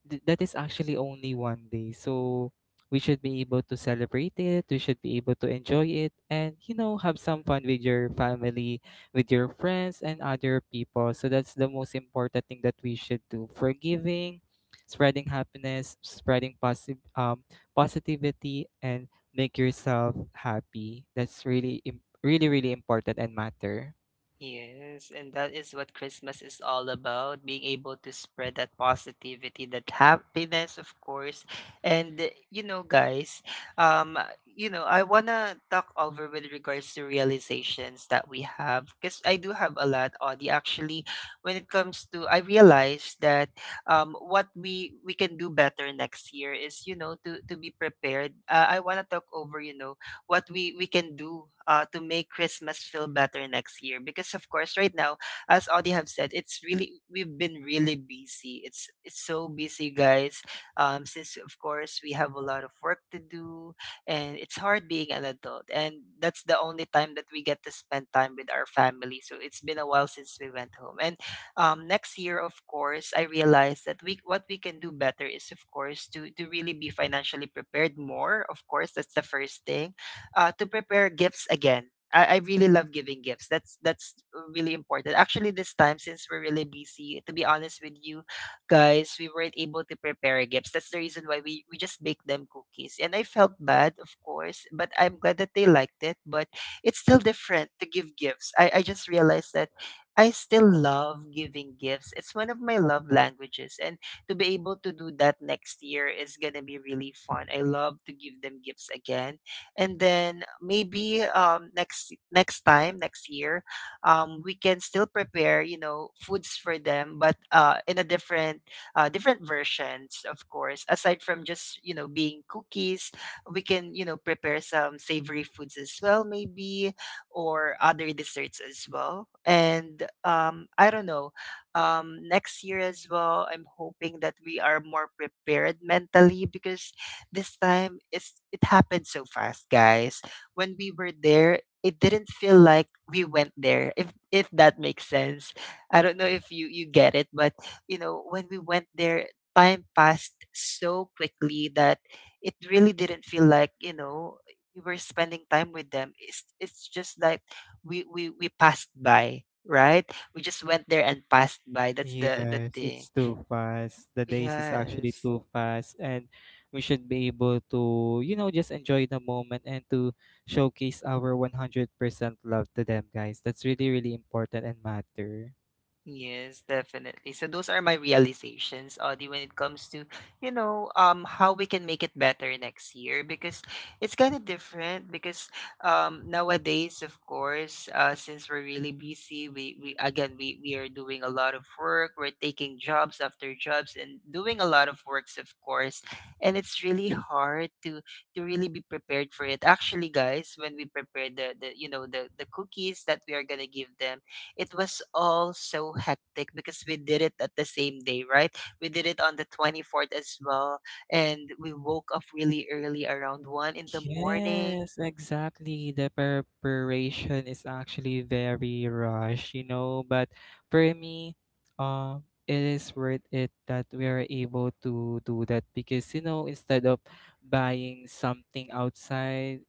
B: that is actually only one day. So we should be able to celebrate it. We should be able to enjoy it and, you know, have some fun with your family, with your friends, and other people. So that's the most important thing that we should do. Forgiving, spreading happiness, spreading positive, positivity, and make yourself happy. That's really, really, really important and matter.
A: Yes, and that is what Christmas is all about, being able to spread that positivity, that happiness, of course. And guys, you know, I wanna talk over with regards to realizations that we have, because I do have a lot, Audie. Actually, when it comes to, I realized that, what we can do better next year is, you know, to be prepared. I wanna talk over, you know, what we can do, to make Christmas feel better next year. Because of course, right now, as Audie have said, it's really we've been really busy. It's so busy, guys. Since of course we have a lot of work to do, and it's hard being an adult, and that's the only time that we get to spend time with our family. So it's been a while since we went home. And next year, of course, I realized that we, what we can do better is, of course, to really be financially prepared more. Of course, that's the first thing, to prepare gifts again. I really love giving gifts. That's really important. Actually, this time, since we're really busy, to be honest with you, guys, we weren't able to prepare gifts. That's the reason why we just baked them cookies, and I felt bad, of course, but I'm glad that they liked it. But it's still different to give gifts. I just realized that I still love giving gifts. It's one of my love languages, and to be able to do that next year is gonna be really fun. I love to give them gifts again. And then maybe, next time, next year, we can still prepare, you know, foods for them, but in a different different versions, of course, aside from just, you know, being cookies. We can, you know, prepare some savory foods as well, maybe, or other desserts as well. And I don't know, next year as well, I'm hoping that we are more prepared mentally, because this time it happened so fast, guys. When we were there, it didn't feel like we went there. If that makes sense. I don't know if you get it, but you know, when we went there, time passed so quickly that it really didn't feel like, you know, we were spending time with them. It's just like we passed by, right? We just went there and passed by. That's the
B: Yes,
A: thing.
B: it's too fast. The days is actually
A: Yes.
B: too fast, and we should be able to, you know, just enjoy the moment and to showcase our 100% love to them, guys. That's really, really important and matter.
A: Yes, definitely. So those are my realizations, Audie, when it comes to, you know, how we can make it better next year, because it's kind of different because, nowadays, of course, since we're really busy, we again we are doing a lot of work, we're taking jobs after jobs and doing a lot of works, of course, and it's really hard to really be prepared for it. Actually, guys, when we prepare the you know, the cookies that we are going to give them, it was all so hectic because we did it at the same day, right? We did it on the 24th as well. And we woke up really early, around 1 in the morning.
B: Yes, exactly. The preparation is actually very rush, you know, but for me, it is worth it that we are able to do that. Because, you know, instead of buying something outside,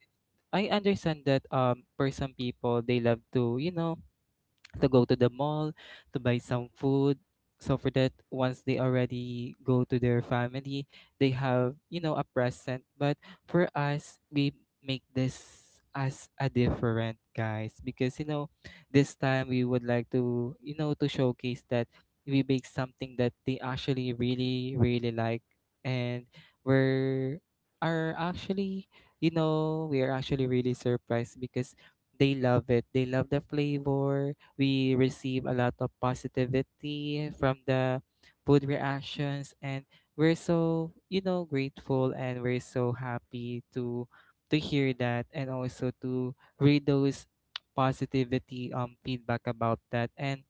B: I understand that for some people they love to, you know, to go to the mall to buy some food, so for that once they already go to their family they have, you know, a present. But for us we make this as a different, guys, because, this time we would like to, you know, to showcase that we make something that they actually really really like. And we're are actually we are actually really surprised, because they love it, they love the flavor. We receive a lot of positivity from the food reactions, and we're so, grateful, and we're so happy to hear that, and also to read those positivity, feedback about that. And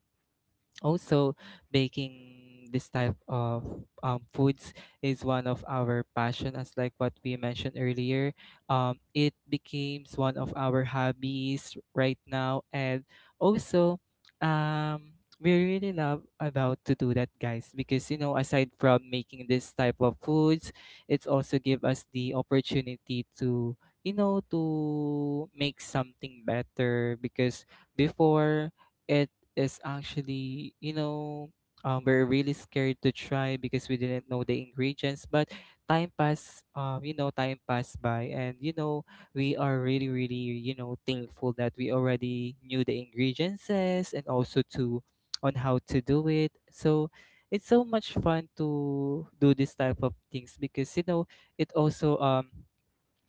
B: also, baking this type of foods is one of our passion, as like what we mentioned earlier. It becomes one of our hobbies right now, and also, um, we really love about to do that, guys. Because, you know, aside from making this type of foods, it's also give us the opportunity to, to make something better. Because before, it is actually, you know, we're really scared to try, because we didn't know the ingredients. But time passed, time passed by, and, you know, we are really, really, you know, thankful that we already knew the ingredients, and also to on how to do it. So it's so much fun to do this type of things, because, it also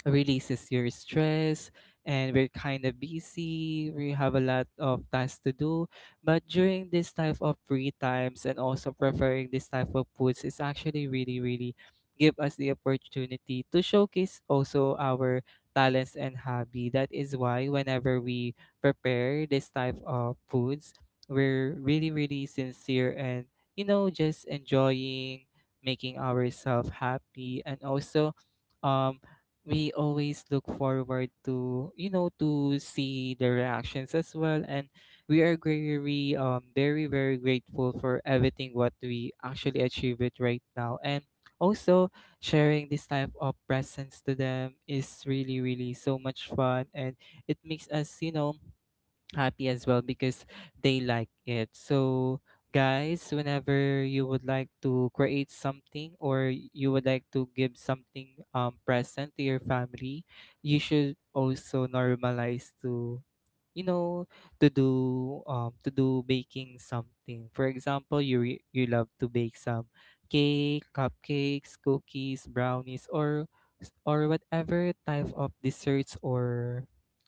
B: releases your stress. And we're kind of busy, we have a lot of tasks to do, but during this type of free times and also preferring this type of foods is actually really really give us the opportunity to showcase also our talents and hobby. That is why whenever we prepare this type of foods we're really really sincere, and, just enjoying, making ourselves happy. And also, um we always look forward to, to see the reactions as well. And we are very, very very grateful for everything what we actually achieve it right now. And also, sharing this type of presence to them is really really so much fun, and it makes us, happy as well, because they like it. So, guys, whenever you would like to create something, or you would like to give something present to your family, you should also normalize to, you know, to do, baking something. For example, you love to bake some cake, cupcakes, cookies, brownies, or whatever type of desserts, or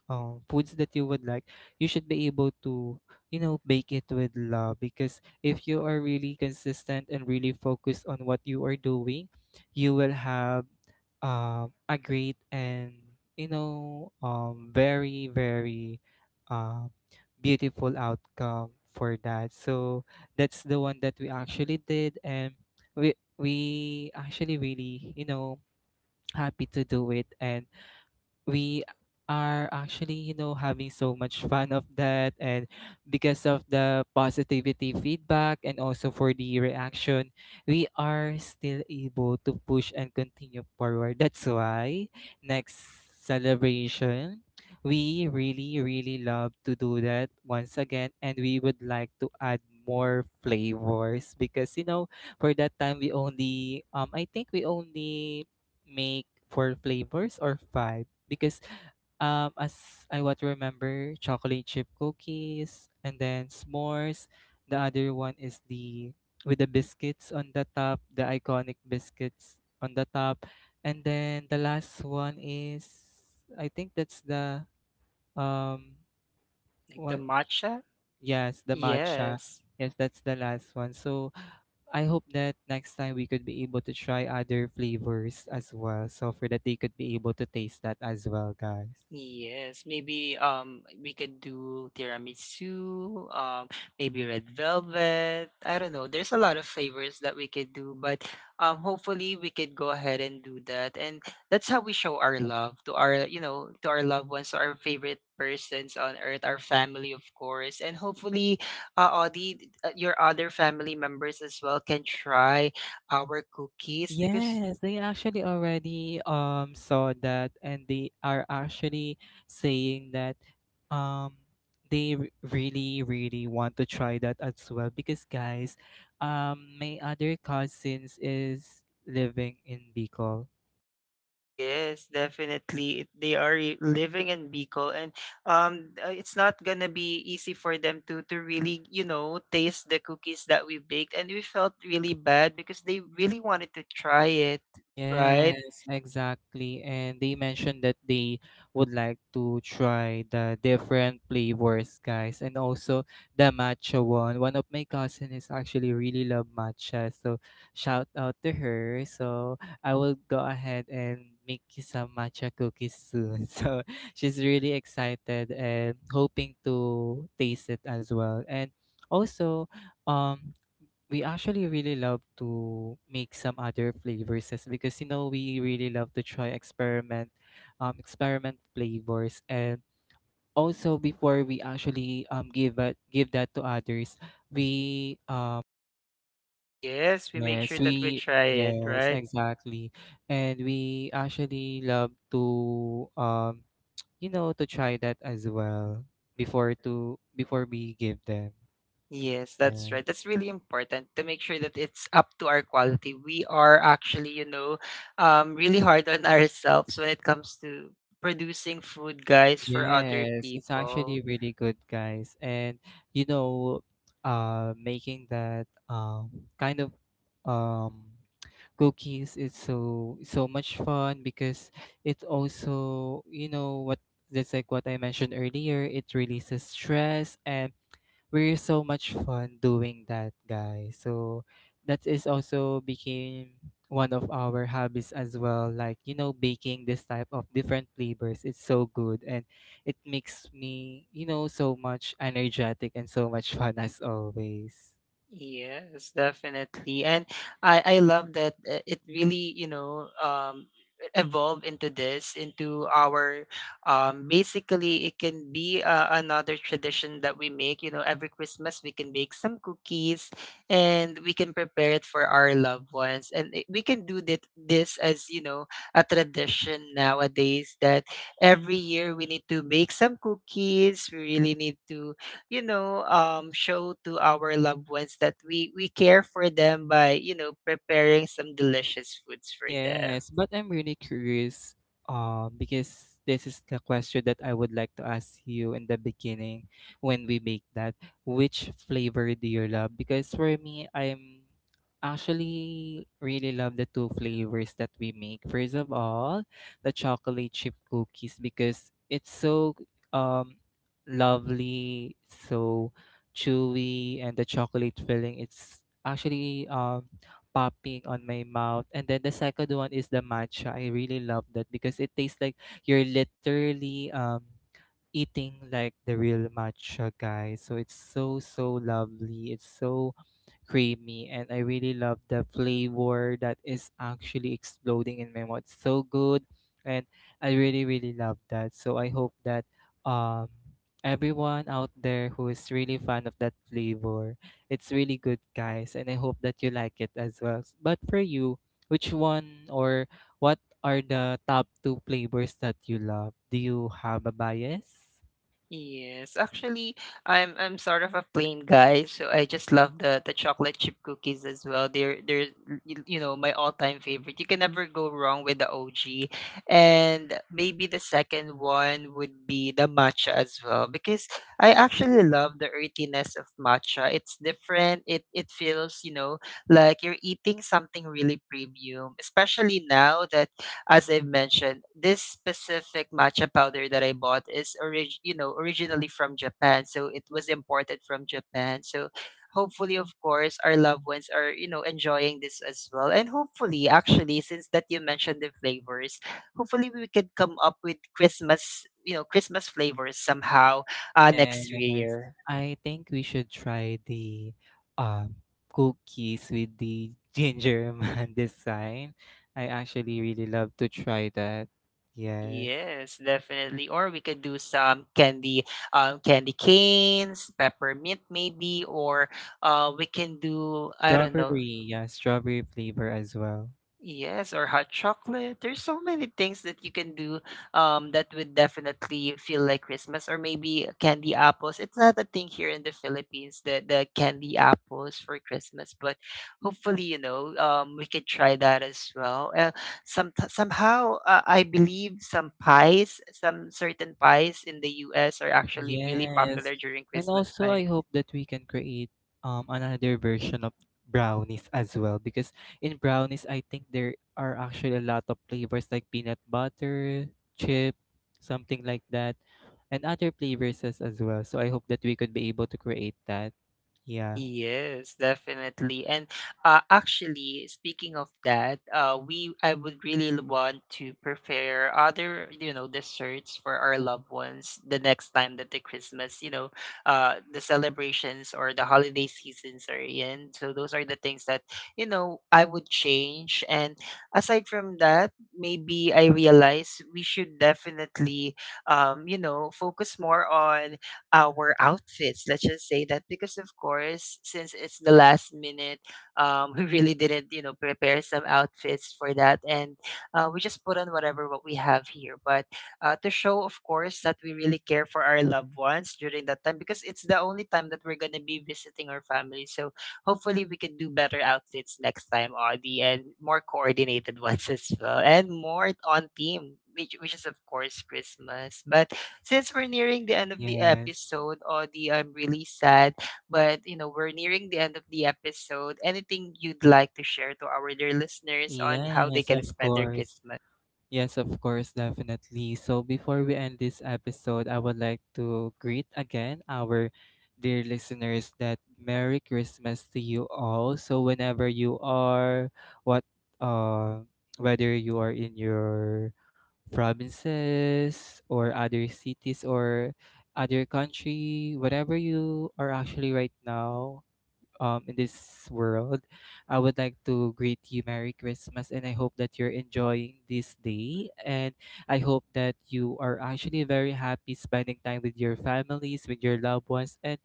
B: foods that you would like. You should be able to, you know, bake it with love, because if you are really consistent and really focused on what you are doing, you will have, a great, and, you know, very very, uh, beautiful outcome for that. So that's the one that we actually did, and we we actually really, you know, happy to do it. And we are actually, you know, having so much fun of that. And because of the positivity feedback and also for the reaction, we are still able to push and continue forward. That's why next celebration, we really really love to do that once again, and we would like to add more flavors. Because, you know, for that time we only, I think we only make four flavors or five. Because as I what remember, chocolate chip cookies, and then s'mores. The other one is the with the biscuits on the top, the iconic biscuits on the top. And then the last one is, I think that's the um
A: Like the
B: what?
A: matcha?
B: Yes, the matcha.
A: Yes.
B: Yes, that's the last one. So I hope that next time we could be able to try other flavors as well, so for that they could be able to taste that as well, guys.
A: Yes, maybe we could do tiramisu, maybe red velvet. I don't know. There's a lot of flavors that we could do, but hopefully we could go ahead and do that. And that's how we show our love to our, you know, to our loved ones, to our favorite persons on earth, our family, of course. And hopefully, Audie, your other family members as well can try our cookies, because
B: Yes, they actually already saw that, and they are actually saying that um they, really really want to try that as well. Because, guys, my other cousins is living in Bicol.
A: yes, definitely. They are living in Bicol. And it's not gonna be easy for them to really, you know, taste the cookies that we baked, and we felt really bad because they really wanted to try it, right?
B: Yes, exactly. And they mentioned that they would like to try the different flavors, guys, and also the matcha one. One of my cousin is actually really love matcha, so shout out to her. So I will go ahead and make you some matcha cookies soon. So she's really excited and hoping to taste it as well. And also, um we actually really love to make some other flavors because, you know, we really love to try experiment, experiment flavors. And also, before we actually give that to others, we
A: Yes, we make sure
B: yes,
A: that we
B: we
A: try it,
B: yes,
A: right?
B: exactly, and we actually love to, you know, to try that as well before we give them.
A: Yes, that's
B: Yeah.
A: right. That's really important to make sure that it's up to our quality. We are actually, you know, really hard on ourselves when it comes to producing food, guys, for other
B: Yes, it's
A: people.
B: actually really good, guys. And, you know, making that kind of um cookies is so so much fun, because it also, you know what, that's like what I mentioned earlier. It releases stress, and we're so much fun doing that, guys. So that is also became one of our hobbies as well. Like, you know, baking this type of different flavors. It's so good, and it makes me, you know, so much energetic and so much fun as always.
A: Yes, definitely. And I love that, it really, you know, evolve into this, into our basically, it can be, another tradition that we make, you know, every Christmas we can bake some cookies, and we can prepare it for our loved ones. And we can do that this, as you know, a tradition nowadays, that every year we need to bake some cookies. We really need to, you know, show to our loved ones that we care for them by, you know, preparing some delicious foods for them.
B: Yes, but I'm really curious, because this is the question that I would like to ask you in the beginning when we make that. Which flavor do you love? Because for me, I'm actually really love the two flavors that we make. First of all, the chocolate chip cookies because it's so um lovely, so chewy, and the chocolate filling, it's actually popping on my mouth. And then the second one is the matcha. I really love that because it tastes like you're literally eating like the real matcha, guys. So it's so so lovely. It's so creamy, and I really love the flavor that is actually exploding in my mouth. It's so good, and I really really love that. So I hope that um everyone out there who is really fan of that flavor, it's really good, guys, and I hope that you like it as well. But for you, which one or what are the top two flavors that you love? Do you have a bias?
A: Yes, actually, I'm sort of a plain guy, so I just love the chocolate chip cookies as well. They're you, you know, my all time favorite. You can never go wrong with the OG. And maybe the second one would be the matcha as well, because I actually love the earthiness of matcha. It's different. It feels, you know, like you're eating something really premium, especially now that, as I've mentioned, this specific matcha powder that I bought is you know, originally from Japan, so it was imported from Japan. So hopefully, of course, our loved ones are, you know, enjoying this as well. And hopefully, actually, since that you mentioned the flavors, hopefully we could come up with Christmas, you know, Christmas flavors somehow, next
B: Yes,
A: year.
B: I think we should try the um cookies with the ginger man design. I actually really love to try that. Yes.
A: Yes, definitely. Or we could do some candy, candy canes, peppermint, maybe, or, we can do, I don't know.
B: Strawberry, yeah, strawberry flavor as well.
A: Yes, or hot chocolate. There's so many things that you can do that would definitely feel like Christmas. Or maybe candy apples. It's not a thing here in the Philippines, the candy apples for Christmas. But hopefully, you know, we could try that as well. Somehow, I believe some pies, some certain pies in the US, are actually really
B: Yes.
A: popular during
B: And
A: Christmas
B: also
A: time.
B: I hope that we can create another version of brownies as well because in brownies I think there are actually a lot of flavors like peanut butter, chip, something like that, and other flavors as well. So I hope that we could be able to create that. Yeah.
A: Yes, definitely. And actually, speaking of that, we, I would really want to prepare other, you know, desserts for our loved ones the next time that the Christmas, you know, the celebrations or the holiday seasons are in. So those are the things that, you know, I would change. And aside from that, maybe I realize we should definitely, you know, focus more on our outfits. Let's just say that because, of course, since it's the last minute, we really didn't, you know, prepare some outfits for that. And we just put on whatever what we have here. But to show, of course, that we really care for our loved ones during that time, because it's the only time that we're gonna be visiting our family. So hopefully, we can do better outfits next time, Audie, and more coordinated ones as well, and more on theme. Which is, of course, Christmas. But since we're nearing the end of the
B: Yes.
A: episode, Audie, I'm really sad, but you know, we're nearing the end of the episode. Anything you'd like to share to our dear listeners on how they
B: Yes,
A: can
B: of
A: spend their
B: course.
A: Christmas?
B: Yes, of course, definitely. So before we end this episode, I would like to greet again our dear listeners that Merry Christmas to you all. So whenever you are what uh whether you are in your provinces or other cities or other country, whatever you are actually right now, in this world. I would like to greet you Merry Christmas and I hope that you're enjoying this day. And I hope that you are actually very happy spending time with your families, with your loved ones, and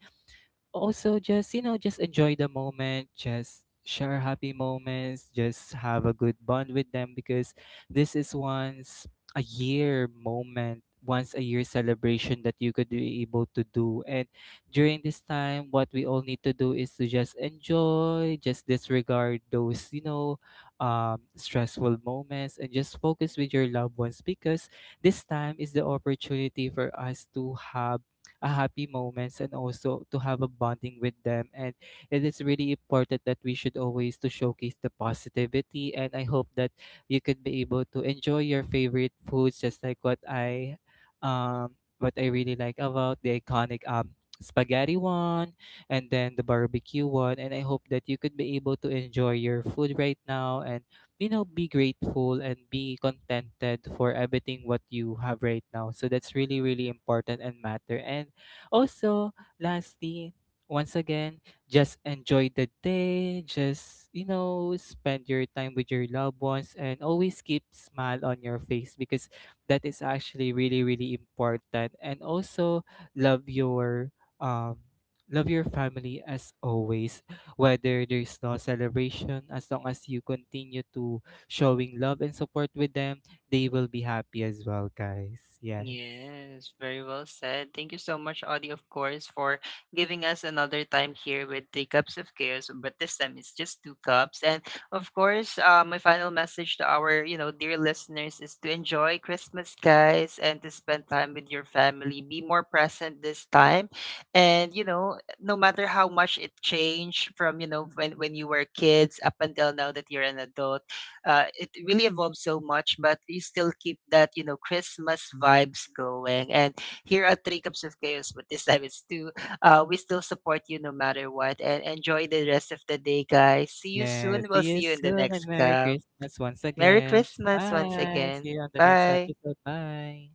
B: also just, you know, just enjoy the moment, just share happy moments, just have a good bond with them because this is once a year moment, once a year celebration that you could be able to do. And during this time what we all need to do is to just enjoy, just disregard those, you know, stressful moments and just focus with your loved ones because this time is the opportunity for us to have a happy moments and also to have a bonding with them. And it is really important that we should always to showcase the positivity, and I hope that you could be able to enjoy your favorite foods just like what I really like about the iconic spaghetti one and then the barbecue one. And I hope that you could be able to enjoy your food right now and, you know, be grateful and be contented for everything what you have right now. So that's really really important and matter. And also, lastly, once again, just enjoy the day. Just, you know, spend your time with your loved ones and always keep smile on your face because that is actually really, really important. And also love your um love your family as always. Whether there's no celebration, as long as you continue to showing love and support with them, they will be happy as well, guys. Yes.
A: Yes, very well said. Thank you so much, Audie, of course, for giving us another time here with Three Cups of Chaos. But this time it's just two cups. And of course, my final message to our, you know, dear listeners is to enjoy Christmas, guys, and to spend time with your family. Be more present this time. And, you know, no matter how much it changed from, you know, when you were kids up until now that you're an adult, it really evolved so much. But we still keep that, you know, Christmas vibes going. And here at Three Cups of Chaos, but this time it's two, we still support you no matter what. And enjoy the rest of the day, guys. See you soon.
B: Yes, see
A: We'll see
B: you
A: you in the
B: soon and
A: next
B: Merry
A: cup.
B: Christmas once
A: Merry
B: again.
A: Christmas once
B: Bye. See
A: again.
B: you on the next
A: Bye.
B: episode. Bye.